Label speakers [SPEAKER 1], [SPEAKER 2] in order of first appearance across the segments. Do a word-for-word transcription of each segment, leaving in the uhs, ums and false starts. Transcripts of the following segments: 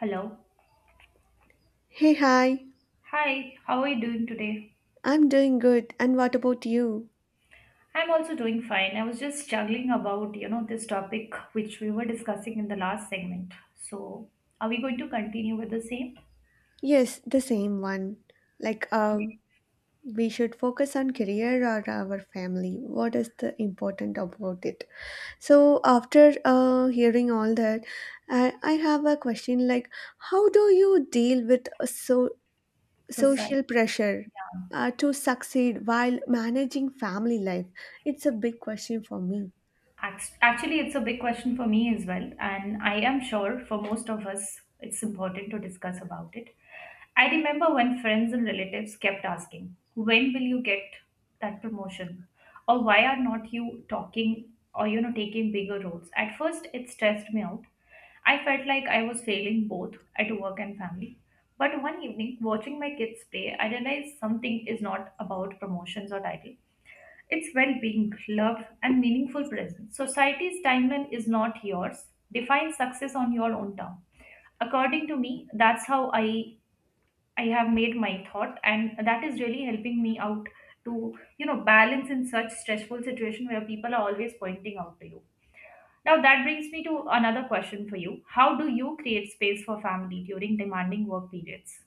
[SPEAKER 1] Hello.
[SPEAKER 2] Hey, hi.
[SPEAKER 1] Hi, how are you doing today?
[SPEAKER 2] I'm doing good. And what about you?
[SPEAKER 1] I'm also doing fine. I was just juggling about, you know, this topic which we were discussing in the last segment. So, are we going to continue with the same?
[SPEAKER 2] Yes, the same one. Like,
[SPEAKER 1] Yeah.
[SPEAKER 2] um, we should focus on career or our family. What is the important about it? So after uh, hearing all that, I, I have a question like, how do you deal with a so
[SPEAKER 1] Society.
[SPEAKER 2] social pressure
[SPEAKER 1] Yeah.
[SPEAKER 2] uh, to succeed while managing family life? It's a big question for me.
[SPEAKER 1] Act- Actually, it's a big question for me as well, and I am sure for most of us it's important to discuss about it. I remember when friends and relatives kept asking, "When will you get that promotion?" or "Why are not you talking or you know taking bigger roles?" At first, it stressed me out. I felt like I was failing both at work and family. But one evening, watching my kids play, I realized something is not about promotions or title. It's well being, love, and meaningful presence. Society's timeline is not yours. Define success on your own term. According to me, that's how I I have made my thought, and that is really helping me out to you know balance in such stressful situation where people are always pointing out to you. Now that brings me to another question for you. How do you create space for family during demanding work periods?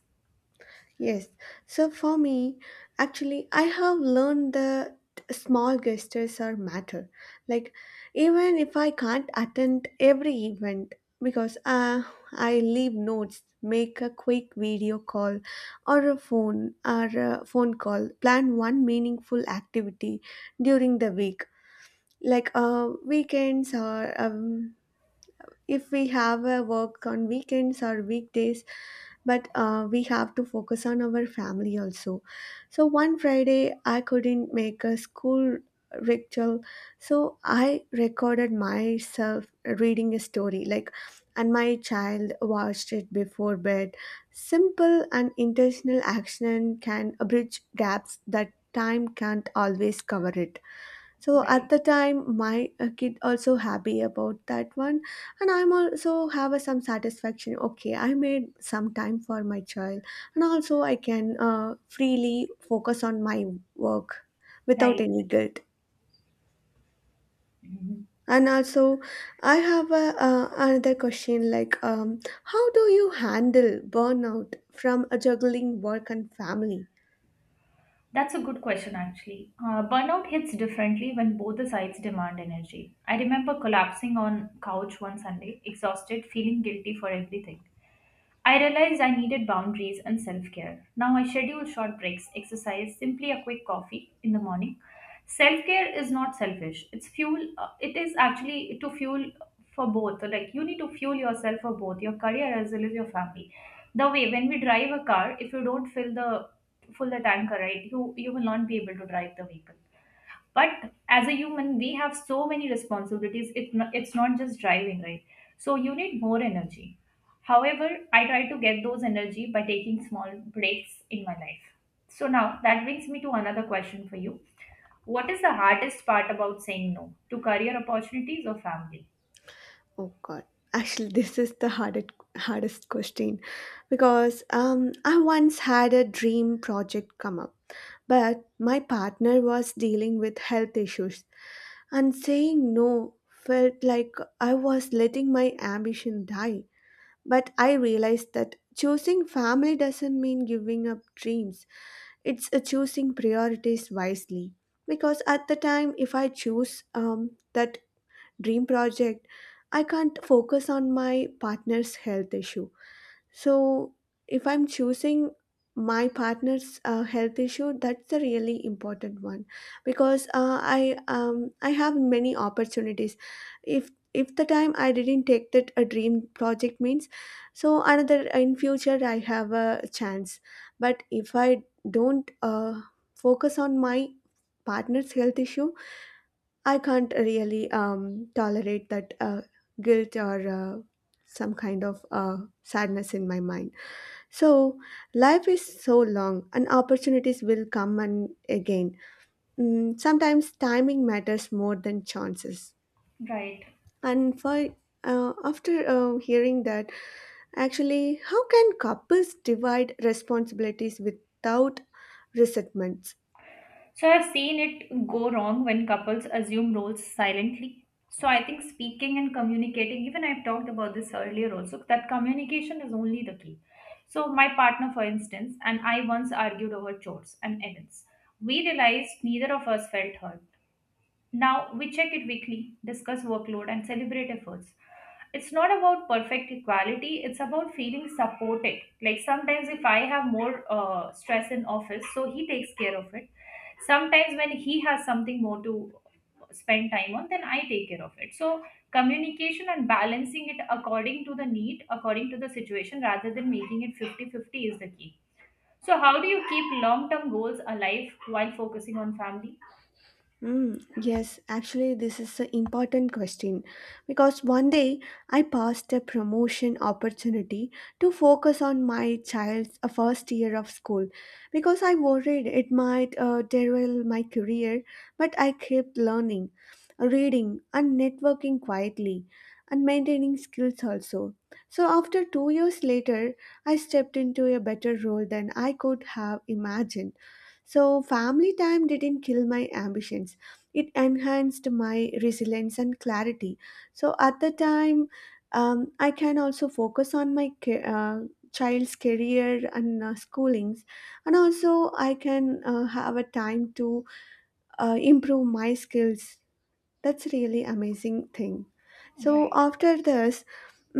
[SPEAKER 2] Yes. So for me, actually, I have learned that small gestures are matter. Like even if I can't attend every event because uh, I leave notes, make a quick video call or a phone or a phone call, plan one meaningful activity during the week, like uh, weekends or um, if we have a work on weekends or weekdays but uh, we have to focus on our family also. So one Friday I couldn't make a school ritual, so I recorded myself reading a story, like, and my child watched it before bed. Simple and intentional action can bridge gaps that time can't always cover it. So at
[SPEAKER 1] Right,
[SPEAKER 2] the time, my uh, kid also happy about that one, and I'm also have a some satisfaction. Okay, I made some time for my child, and also I can uh, freely focus on my work without
[SPEAKER 1] right.
[SPEAKER 2] any guilt.
[SPEAKER 1] Mhm.
[SPEAKER 2] And also, I have a, uh, another question like, um, how do you handle burnout from a juggling work and family?
[SPEAKER 1] That's a good question, actually. Uh, burnout hits differently when both the sides demand energy. I remember collapsing on couch one Sunday, exhausted, feeling guilty for everything. I realized I needed boundaries and self care. Now I schedule short breaks, exercise, simply a quick coffee in the morning. Self care is not selfish. It's fuel. Uh, it is actually to fuel for both. So, like you need to fuel yourself for both your career as well as your family. The way when we drive a car, if you don't fill the fill the tanker, right, you you will not be able to drive the vehicle, but as a human we have so many responsibilities it, no- it's not just driving, right. So you need more energy. However, I try to get those energy by taking small breaks in my life. So now that brings me to another question for you. What is the hardest part about saying no to career opportunities or family?
[SPEAKER 2] Oh God. Actually, this is the hardest hardest question because um, I once had a dream project come up, but my partner was dealing with health issues, and saying no felt like I was letting my ambition die. But I realized that choosing family doesn't mean giving up dreams. It's a choosing priorities wisely. Because at the time, if I choose um, that dream project, I can't focus on my partner's health issue. So, if I'm choosing my partner's uh, health issue, that's the really important one because uh, I um, I have many opportunities. If if the time I didn't take that a dream project means, so another in future I have a chance. But if I don't uh, focus on my partner's health issue, I can't really um, tolerate that uh, guilt or uh, some kind of uh, sadness in my mind. So, life is so long and opportunities will come and again. Mm, sometimes timing matters more than chances.
[SPEAKER 1] Right.
[SPEAKER 2] And for uh, after uh, hearing that, actually, how can couples divide responsibilities without resentments?
[SPEAKER 1] So I've seen it go wrong when couples assume roles silently. So I think speaking and communicating, even I've talked about this earlier also, that communication is only the key. So my partner, for instance, and I once argued over chores and errands. We realized neither of us felt heard. Now we check it weekly, discuss workload, and celebrate efforts. It's not about perfect equality, it's about feeling supported. Like sometimes, if I have more uh, stress in office, so he takes care of it. Sometimes, when he has something more to spend time on, then I take care of it. So, communication and balancing it according to the need, according to the situation, rather than making it fifty fifty, is the key. So, how do you keep long term goals alive while focusing on family?
[SPEAKER 2] Mm, yes, actually, this is an important question because one day I passed a promotion opportunity to focus on my child's uh, first year of school because I worried it might uh, derail my career, but I kept learning, reading, and networking quietly, and maintaining skills also. So, after two years later, I stepped into a better role than I could have imagined. So, family time didn't kill my ambitions, it enhanced my resilience and clarity. So at the time, um, I can also focus on my ca- uh, child's career and uh, schoolings, and also I can uh, have a time to uh, improve my skills. That's really amazing thing. So
[SPEAKER 1] Right.
[SPEAKER 2] after this,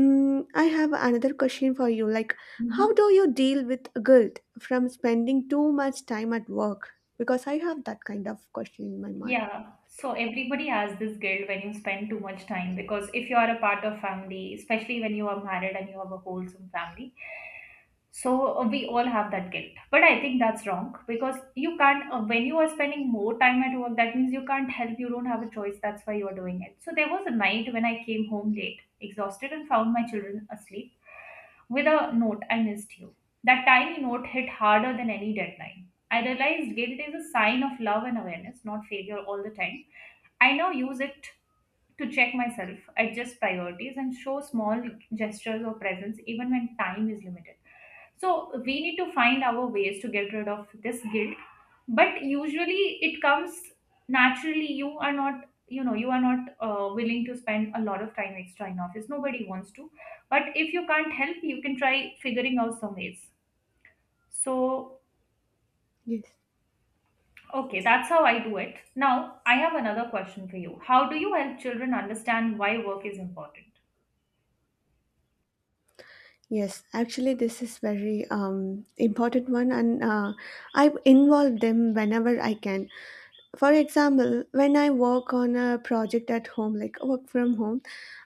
[SPEAKER 2] mm I have another question for you, like, how do you deal with guilt from spending too much time at work, because I have that kind of question in my mind.
[SPEAKER 1] Yeah, so everybody has this guilt when you spend too much time because if you are a part of family, especially when you are married and you have a wholesome family, so uh, we all have that guilt. But I think that's wrong because you can't, uh, when you are spending more time at work, that means you can't help, you don't have a choice, that's why you are doing it. So there was a night when I came home late, exhausted, and found my children asleep with a note, "I missed you." That tiny note hit harder than any deadline. I realized guilt is a sign of love and awareness, not failure all the time. I now use it to check myself, adjust priorities, and show small gestures of presence even when time is limited. So we need to find our ways to get rid of this guilt. But usually it comes naturally. You are not, you know, you are not uh, willing to spend a lot of time extra in office. Nobody wants to. But if you can't help, you can try figuring out some ways. So,
[SPEAKER 2] Yes.
[SPEAKER 1] okay, that's how I do it. Now, I have another question for you. How do you help children understand why work is important?
[SPEAKER 2] Yes, actually, this is very um, important one, and uh, I involve them whenever I can. For example, when I work on a project at home, like work from home,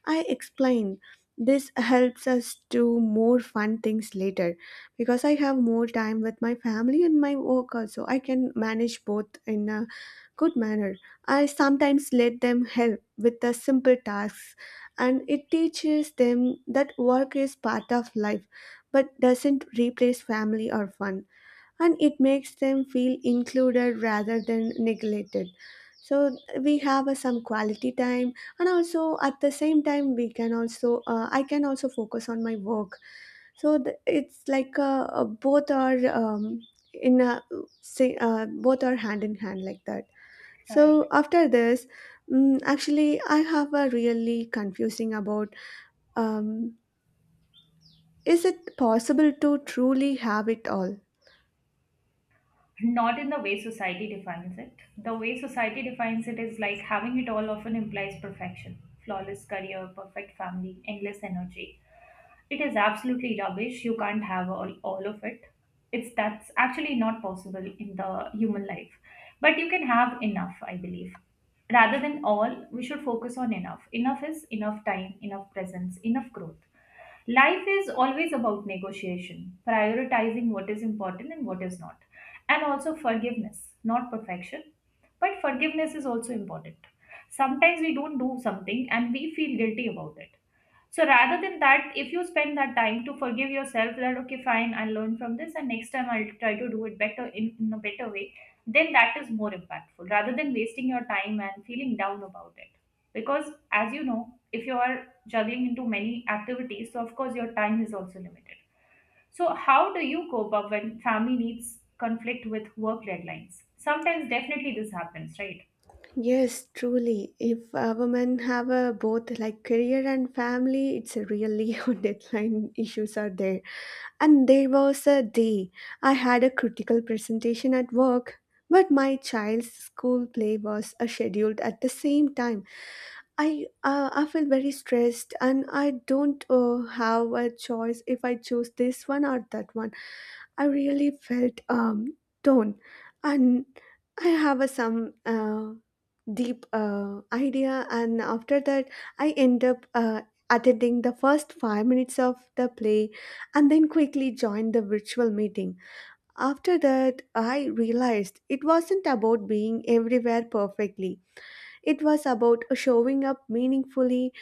[SPEAKER 2] I explain this helps us do more fun things later because I have more time with my family and my work also. I can manage both in a good manner. I sometimes let them help with the simple tasks, and it teaches them that work is part of life but doesn't replace family or fun, and it makes them feel included rather than neglected. So we have uh, some quality time, and also at the same time we can also uh, I can also focus on my work. So th- it's like uh, uh, both are um, in a, say, uh, both are hand in hand like that.
[SPEAKER 1] Right.
[SPEAKER 2] So after this, mm actually, I have a really confusing about um, is it possible to truly have it all?
[SPEAKER 1] Not in the way society defines it. The way society defines it is like having it all often implies perfection, flawless career, perfect family, endless energy. It is absolutely rubbish. You can't have all, all of it. It's That's actually not possible in the human life. But you can have enough, I believe. Rather than all, we should focus on enough. Enough is enough time, enough presence, enough growth. Life is always about negotiation, prioritizing what is important and what is not. And also forgiveness, not perfection. But forgiveness is also important. Sometimes we don't do something and we feel guilty about it. So rather than that, if you spend that time to forgive yourself that okay, fine, I'll learn from this, and next time I'll try to do it better in, in a better way, then that is more impactful rather than wasting your time and feeling down about it. Because as you know, if you are juggling into many activities, so of course your time is also limited. So how do you cope up when family needs conflict with work deadlines? Sometimes definitely this happens, right?
[SPEAKER 2] Yes, truly. If uh, women have a both like career and family, it's a really on deadline issues are there. And there was a day I had a critical presentation at work, but my child's school play was uh, scheduled at the same time. I uh, I feel very stressed and I don't uh, have a choice if I choose this one or that one. I really felt um torn, and I have a, some uh, deep uh, idea. And after that, I end up uh, attending the first five minutes of the play, and then quickly joined the virtual meeting. After that, I realized it wasn't about being everywhere perfectly. It was about showing up meaningfully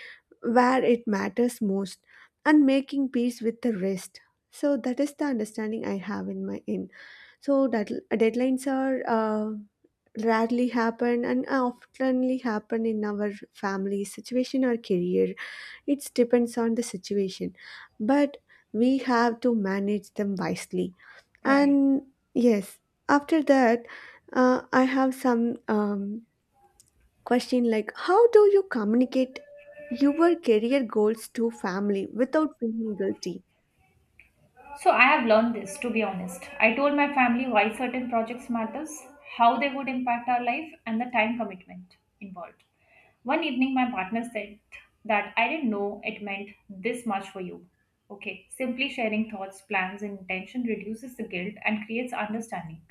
[SPEAKER 2] where it matters most and making peace with the rest. So that is the understanding I have in my end. So that deadlines are uh, rarely happen and oftenly happen in our family situation or career. It depends on the situation, but we have to manage them wisely.
[SPEAKER 1] Right.
[SPEAKER 2] And yes, after that, uh, I have some um, question like, how do you communicate your career goals to family without feeling guilty?
[SPEAKER 1] So I have learned this to be honest. I told my family why certain projects matters, how they would impact our life and the time commitment involved. One evening my partner said that, "I didn't know it meant this much for you." Okay, simply sharing thoughts, plans and intention reduces the guilt and creates understanding.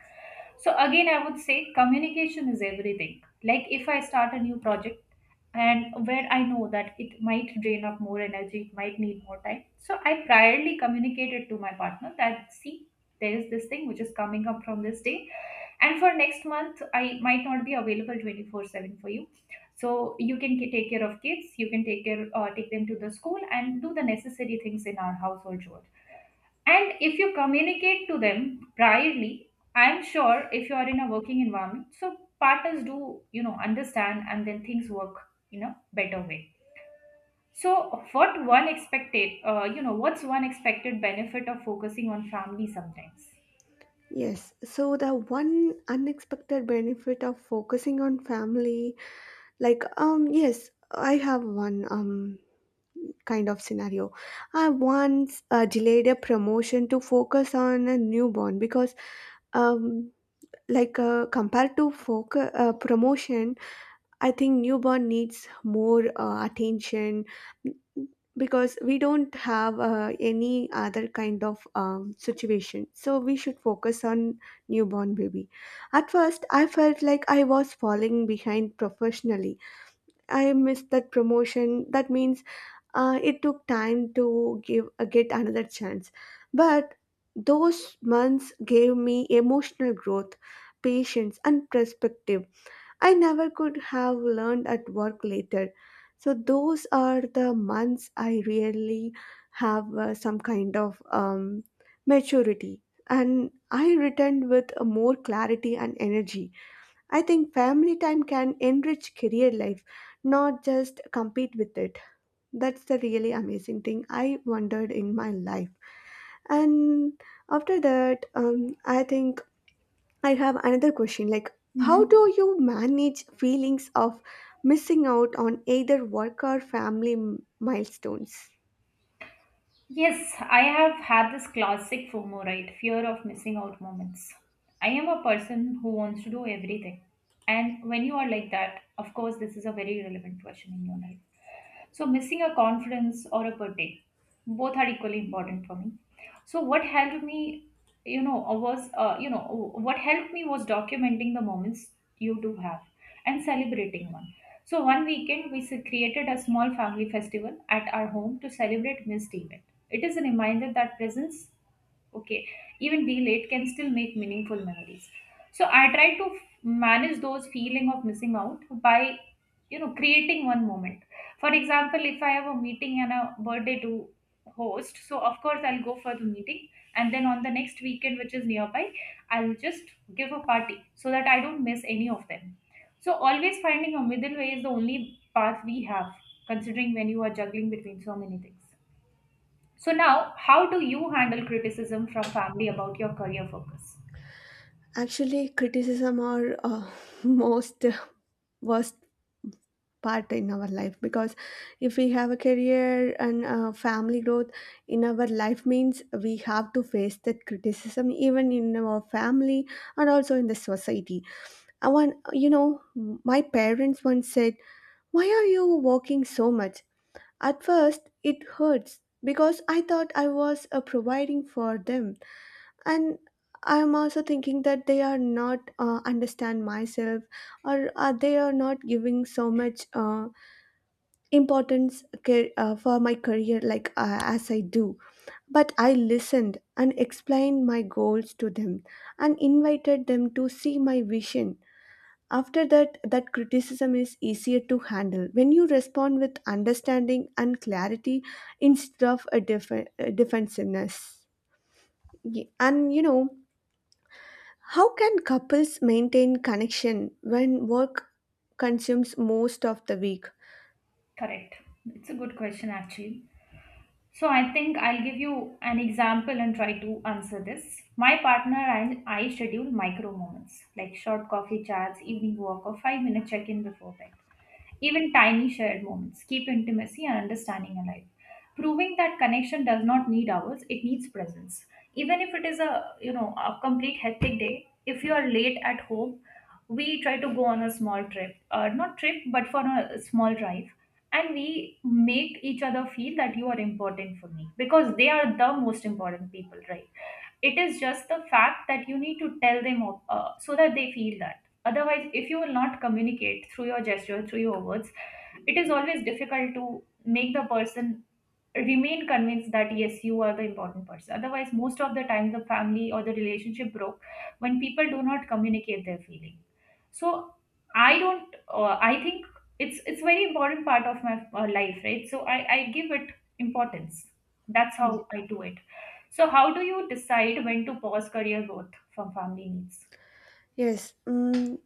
[SPEAKER 1] So again, I would say communication is everything. Like if I start a new project and where I know that it might drain up more energy, it might need more time. So I priorly communicated to my partner that see, there is this thing which is coming up from this day. And for next month, I might not be available twenty-four seven for you. So you can ca- take care of kids, you can take care, uh, take them to the school and do the necessary things in our household chore. And if you communicate to them privately, I'm sure if you are in a working environment, so partners do, you know, understand and then things work in a better way. So what one expected, uh, you know, what's one expected benefit of focusing on family sometimes?
[SPEAKER 2] Yes, so the one unexpected benefit of focusing on family, like um yes, I have one um kind of scenario. I once uh, delayed a promotion to focus on a newborn because um like uh, compared to focus uh, promotion, I think newborn needs more uh, attention because we don't have uh, any other kind of um, situation, so we should focus on newborn baby. At first I felt like I was falling behind professionally. I missed that promotion, that means uh, it took time to give uh, get another chance. But those months gave me emotional growth, patience and perspective I never could have learned at work later. So those are the months I really have uh, some kind of um, maturity. And I returned with a more clarity and energy. I think family time can enrich career life, not just compete with it. That's the really amazing thing I wondered in my life. And after that, um, I think I have another question like, how
[SPEAKER 1] Hmm.
[SPEAKER 2] do you manage feelings of missing out on either work or family m- milestones?
[SPEAKER 1] Yes, I have had this classic FOMO, right? Fear of missing out moments. I am a person who wants to do everything. And when you are like that, of course, this is a very relevant question in your life. So, missing a conference or a birthday, both are equally important for me. So, what helped me, you know, was, uh, you know, what helped me was documenting the moments you do have and celebrating one. So, one weekend we s- created a small family festival at our home to celebrate missed event. It is a reminder that presence, okay, even delayed can still make meaningful memories. So I try to f- manage those feeling of missing out by, you know, creating one moment. For example, if I have a meeting and a birthday to host, so of course I'll go for the meeting, and then on the next weekend which is nearby I'll just give a party so that I don't miss any of them. So always finding a middle way is the only path we have, considering when you are juggling between so many things. So now, how do you handle criticism from family about your career focus?
[SPEAKER 2] Actually, criticism are uh, most worst part in our life because if we have a career and uh, family growth in our life means we have to face that criticism even in our family and also in the society. I want, you know, my parents once said, "Why are you working so much?" At first, it hurts because I thought I was uh, providing for them, and I'm also thinking that they are not uh, understand myself, or uh, they are not giving so much uh, importance ca- uh, for my career like uh, as I do. But I listened and explained my goals to them, and invited them to see my vision. After that, that criticism is easier to handle when you respond with understanding and clarity instead of a def- uh, defensiveness. Ye- And you know, how can couples maintain connection when work consumes most of the week?
[SPEAKER 1] Correct. It's a good question actually. So I think I'll give you an example and try to answer this. My partner and I schedule micro moments like short coffee chats, evening walk, or five minute check in before bed. Even tiny shared moments keep intimacy and understanding alive, proving that connection does not need hours, it needs presence. Even if it is a you know a complete hectic day, if you are late at home, we try to go on a small trip, uh, not trip but for a small drive, and we make each other feel that you are important for me because they are the most important people, right? It is just the fact that you need to tell them uh, so that they feel that. Otherwise, if you will not communicate through your gesture, through your words, it is always difficult to make the person remain convinced that yes, you are the important person. Otherwise, most of the time the family or the relationship broke when people do not communicate their feeling. So I don't uh, I think it's it's very important part of my uh, life, right? So i i give it importance. That's how
[SPEAKER 2] Ye-
[SPEAKER 1] I do it. So how do you decide when to pause career growth from family needs?
[SPEAKER 2] Yes. Mm,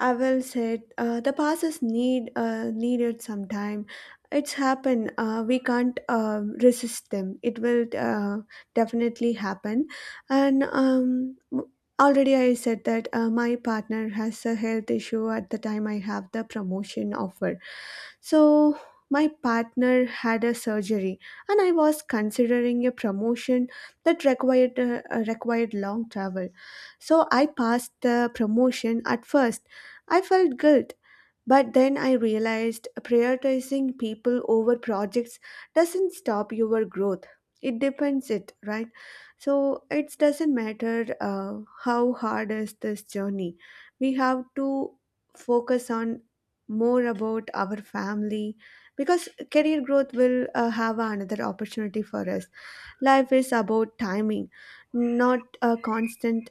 [SPEAKER 2] I will say uh, the past is need uh, needed sometime. It's happened. Uh, we can't uh, resist them. It will uh, definitely happen. And um, w- already I said that uh, my partner has a health issue at the time I have the promotion offer. So my partner had a surgery, and I was considering a promotion that required uh, uh, required long travel. So I passed the promotion. At first I felt guilt, but then I realized prioritizing people over projects doesn't stop your growth. It depends it, right? So it doesn't matter uh, how hard is this journey. We have to focus on more about our family because career growth will uh, have another opportunity for us. Life is about timing, not a constant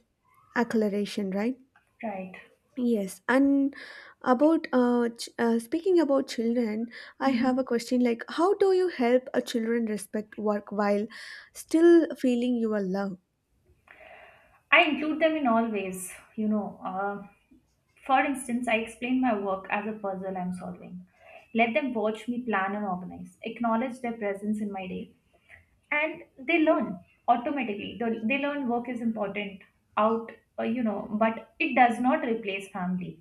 [SPEAKER 2] acceleration, right?
[SPEAKER 1] Right.
[SPEAKER 2] Yes, and about uh, ch- uh, speaking about children, I have a
[SPEAKER 1] Mhm.
[SPEAKER 2] question like, how do you help a children respect work while still feeling your love?
[SPEAKER 1] I include them in all ways, you know. Uh, for instance, I explain my work as a puzzle I'm solving. Let them watch me plan and organize, acknowledge their presence in my day, and they learn automatically. They they learn work is important out, uh, you know, but it does not replace family.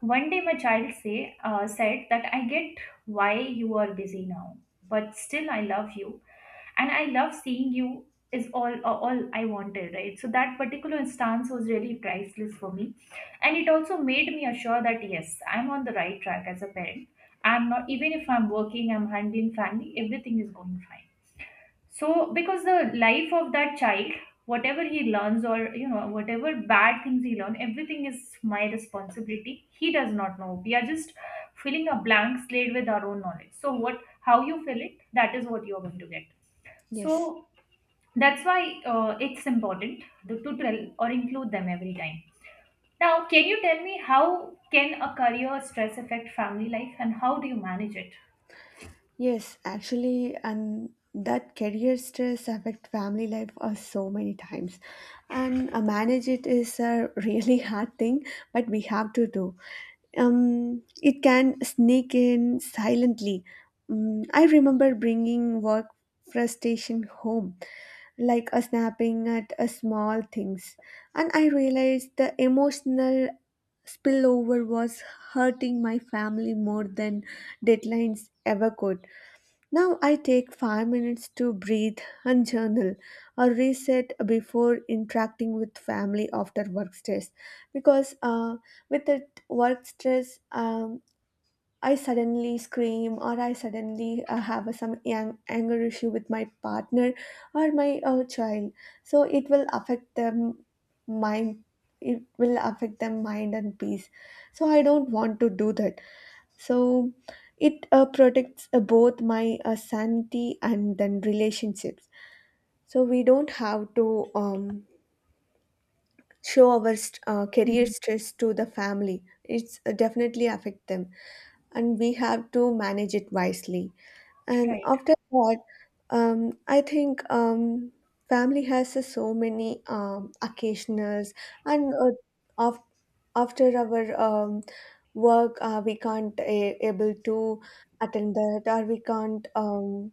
[SPEAKER 1] One day, my child say uh, said that I get why you are busy now, but still I love you and I love seeing you is all uh, all I wanted, right? So that particular instance was really priceless for me, and it also made me assure that yes, I'm on the right track as a parent. I'm not, even if I'm working, I'm handling family, everything is going fine. So because the life of that child, whatever he learns, or you know, whatever bad things he learn, everything is my responsibility. He does not know. We are just filling a blank slate with our own knowledge. So what, how you fill it, that is what you are going to get.
[SPEAKER 2] Yes.
[SPEAKER 1] So that's why uh, it's important to, to tell or include them every time. Now, can you tell me how can a career stress affect family life and how do you manage it?
[SPEAKER 2] Yes, actually, and that career stress affect family life uh, so many times, and uh, manage it is a really hard thing, but we have to do. Um, it can sneak in silently. Mm, I remember bringing work frustration home, like a snapping at a small things, and I realized the emotional spillover was hurting my family more than deadlines ever could. Now I take five minutes to breathe and journal or reset before interacting with family after work stress. Because uh, with the work stress, um, I suddenly scream, or I suddenly uh, have some ang- anger issue with my partner or my uh, child, so it will affect them mind. It will affect them mind and peace, so I don't want to do that. So it uh, protects uh, both my uh, sanity and then relationships. So we don't have to um, show our st- uh, career
[SPEAKER 1] Mhm.
[SPEAKER 2] stress to the family. It's uh, definitely affect them, and we have to manage it wisely. And
[SPEAKER 1] right
[SPEAKER 2] after that, um, I think, um, family has uh, so many um, occasionals, and uh, af after our um, work, uh, we can't a able to attend that, or we can't, um,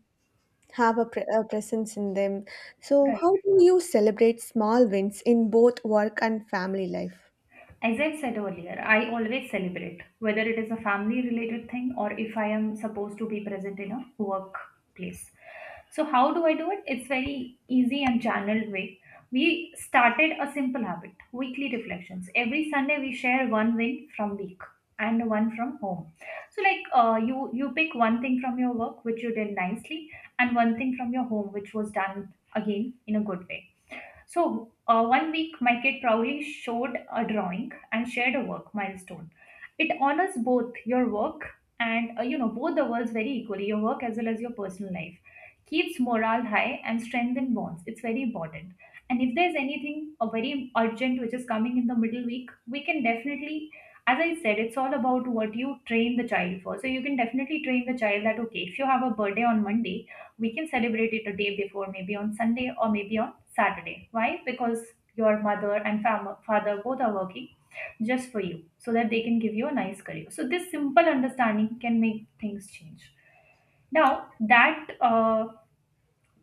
[SPEAKER 2] have a, pre a presence in them. So,
[SPEAKER 1] right.
[SPEAKER 2] how do you celebrate small wins in both work and family life?
[SPEAKER 1] As I said earlier, I always celebrate, whether it is a family related thing or if I am supposed to be present in a workplace. So, how do I do it? It's very easy and channeled way. We started a simple habit, weekly reflections. Every Sunday, we share one win from week and one from home. So, like uh, you, you pick one thing from your work which you did nicely, and one thing from your home which was done again in a good way. So, uh, one week, my kid proudly showed a drawing and shared a work milestone. It honors both your work and uh, you know, both the worlds very equally, your work as well as your personal life. Keeps morale high and strengthen bonds. It's very important. And if there's anything uh, very urgent which is coming in the middle week, we can definitely, as I said, it's all about what you train the child for. So you can definitely train the child that, okay, if you have a birthday on Monday, we can celebrate it a day before, maybe on Sunday or maybe on Saturday. Why? Because your mother and fam- father both are working just for you so that they can give you a nice career. So this simple understanding can make things change. Now, that uh,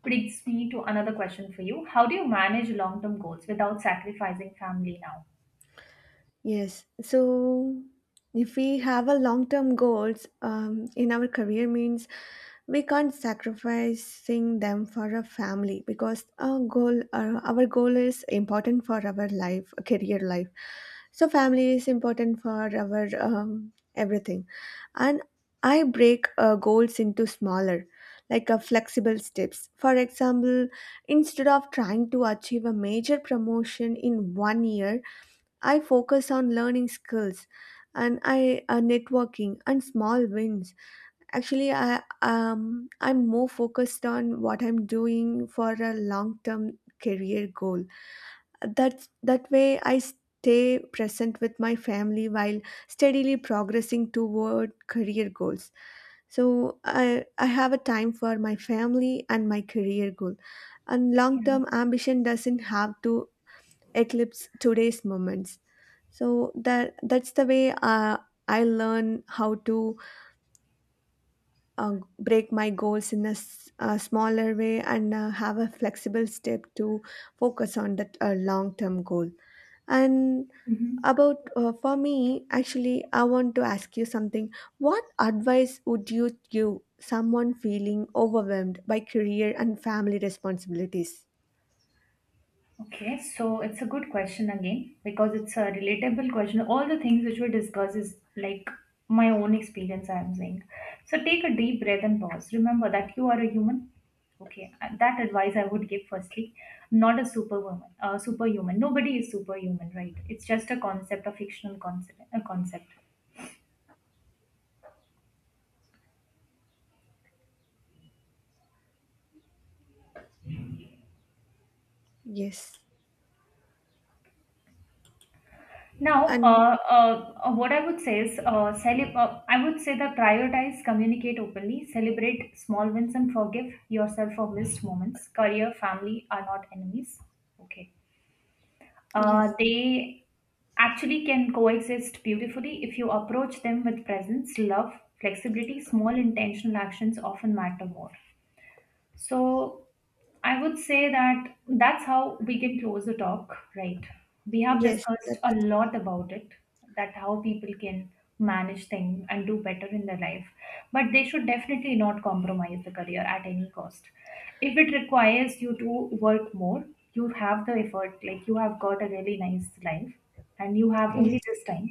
[SPEAKER 1] brings me to another question for you. How do you manage long term goals without sacrificing family now?
[SPEAKER 2] Yes. So if we have a long-term goals um, in our career means we can't sacrificing them for a family, because our goal uh, our goal is important for our life career life. So family is important for our um, everything. And I break uh, goals into smaller, like a flexible steps. For example, instead of trying to achieve a major promotion in one year, I focus on learning skills and I, uh, networking and small wins. Actually, I um I'm more focused on what I'm doing for a long-term career goal. That that way I stay present with my family while steadily progressing toward career goals. So I I have a time for my family and my career goal. And long-term ambition doesn't have to eclipse today's moments. So that that's the way uh, I learn how to uh, break my goals in a, s- a smaller way, and uh, have a flexible step to focus on that uh, long term goal. And
[SPEAKER 1] Mhm.
[SPEAKER 2] about uh, for me, actually I want to ask you something. What advice would you give someone feeling overwhelmed by career and family responsibilities?
[SPEAKER 1] Okay, so it's a good question again because it's a relatable question. All the things which we discuss is like my own experience, I'm saying. So take a deep breath and pause. Remember that you are a human. Okay, and that advice I would give firstly, not a superwoman, uh, superhuman. Nobody is superhuman, right? It's just a concept, a fictional concept, a concept.
[SPEAKER 2] Yes.
[SPEAKER 1] Now,
[SPEAKER 2] And
[SPEAKER 1] uh, uh, uh, what I would say is, uh, cele- uh, I would say that prioritize, communicate openly, celebrate small wins, and forgive yourself for missed moments. Career, family are not enemies. Okay. Uh,
[SPEAKER 2] yes.
[SPEAKER 1] they actually can coexist beautifully if you approach them with presence, love, flexibility. Small intentional actions often matter more. So, I would say that that's how we can close the talk, right? We have
[SPEAKER 2] Yes.
[SPEAKER 1] discussed a
[SPEAKER 2] That's
[SPEAKER 1] lot about it, that how people can manage things and do better in their life. But they should definitely not compromise the career at any cost. If it requires you to work more, you have the effort, like you have got a really nice life and you have
[SPEAKER 2] yes.
[SPEAKER 1] only this time.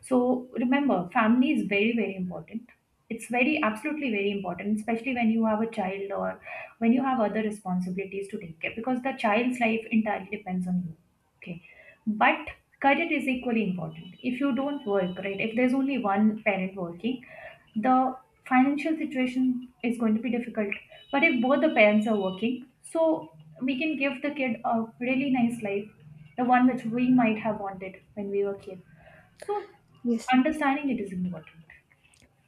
[SPEAKER 1] So remember, family is very, very important. It's very, absolutely very important, especially when you have a child or when you have other responsibilities to take care, because the child's life entirely depends on you. Okay. But career is equally important. If you don't work, right, if there's only one parent working, the financial situation is going to be difficult. But if both the parents are working, so we can give the kid a really nice life, the one which we might have wanted when we were kids. So
[SPEAKER 2] Yes.
[SPEAKER 1] understanding it is important.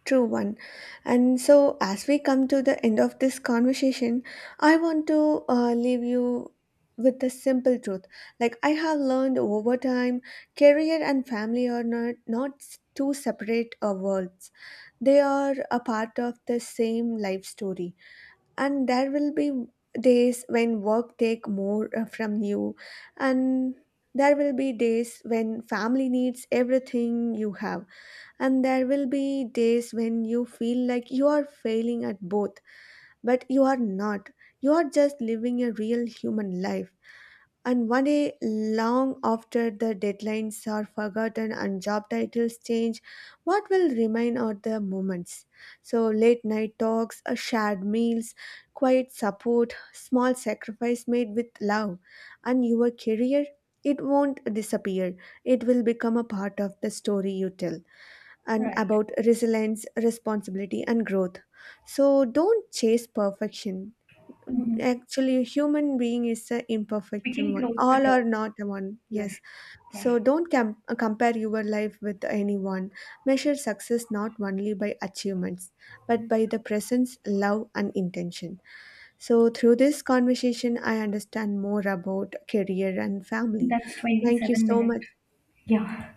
[SPEAKER 2] True one. And so, as we come to the end of this conversation, I want to uh, leave you with a simple truth. Like, I have learned over time, career and family are not, not s- two separate uh, worlds, they are a part of the same life story. And there will be days when work take more uh, from you, and there will be days when family needs everything you have, and there will be days when you feel like you are failing at both, but you are not. You are just living a real human life. And one day, long after the deadlines are forgotten and job titles change, what will remain are the moments. So, late night talks, uh, shared meals, quiet support, small sacrifice made with love, and your career, it won't disappear. It will become a part of the story you tell, and
[SPEAKER 1] Right.
[SPEAKER 2] about resilience, responsibility, and growth. So don't chase perfection.
[SPEAKER 1] Mhm.
[SPEAKER 2] Actually, human being is an
[SPEAKER 1] We
[SPEAKER 2] imperfect
[SPEAKER 1] can
[SPEAKER 2] one.
[SPEAKER 1] close the
[SPEAKER 2] All are
[SPEAKER 1] talk
[SPEAKER 2] not one.
[SPEAKER 1] here.
[SPEAKER 2] Yes.
[SPEAKER 1] Yeah.
[SPEAKER 2] So don't com- compare your life with anyone. Measure success not only by achievements, but by the presence, love, and intention. So through this conversation, I understand more about career and family.
[SPEAKER 1] That's
[SPEAKER 2] Thank you
[SPEAKER 1] twenty-seven
[SPEAKER 2] so
[SPEAKER 1] minutes.
[SPEAKER 2] much.
[SPEAKER 1] Yeah.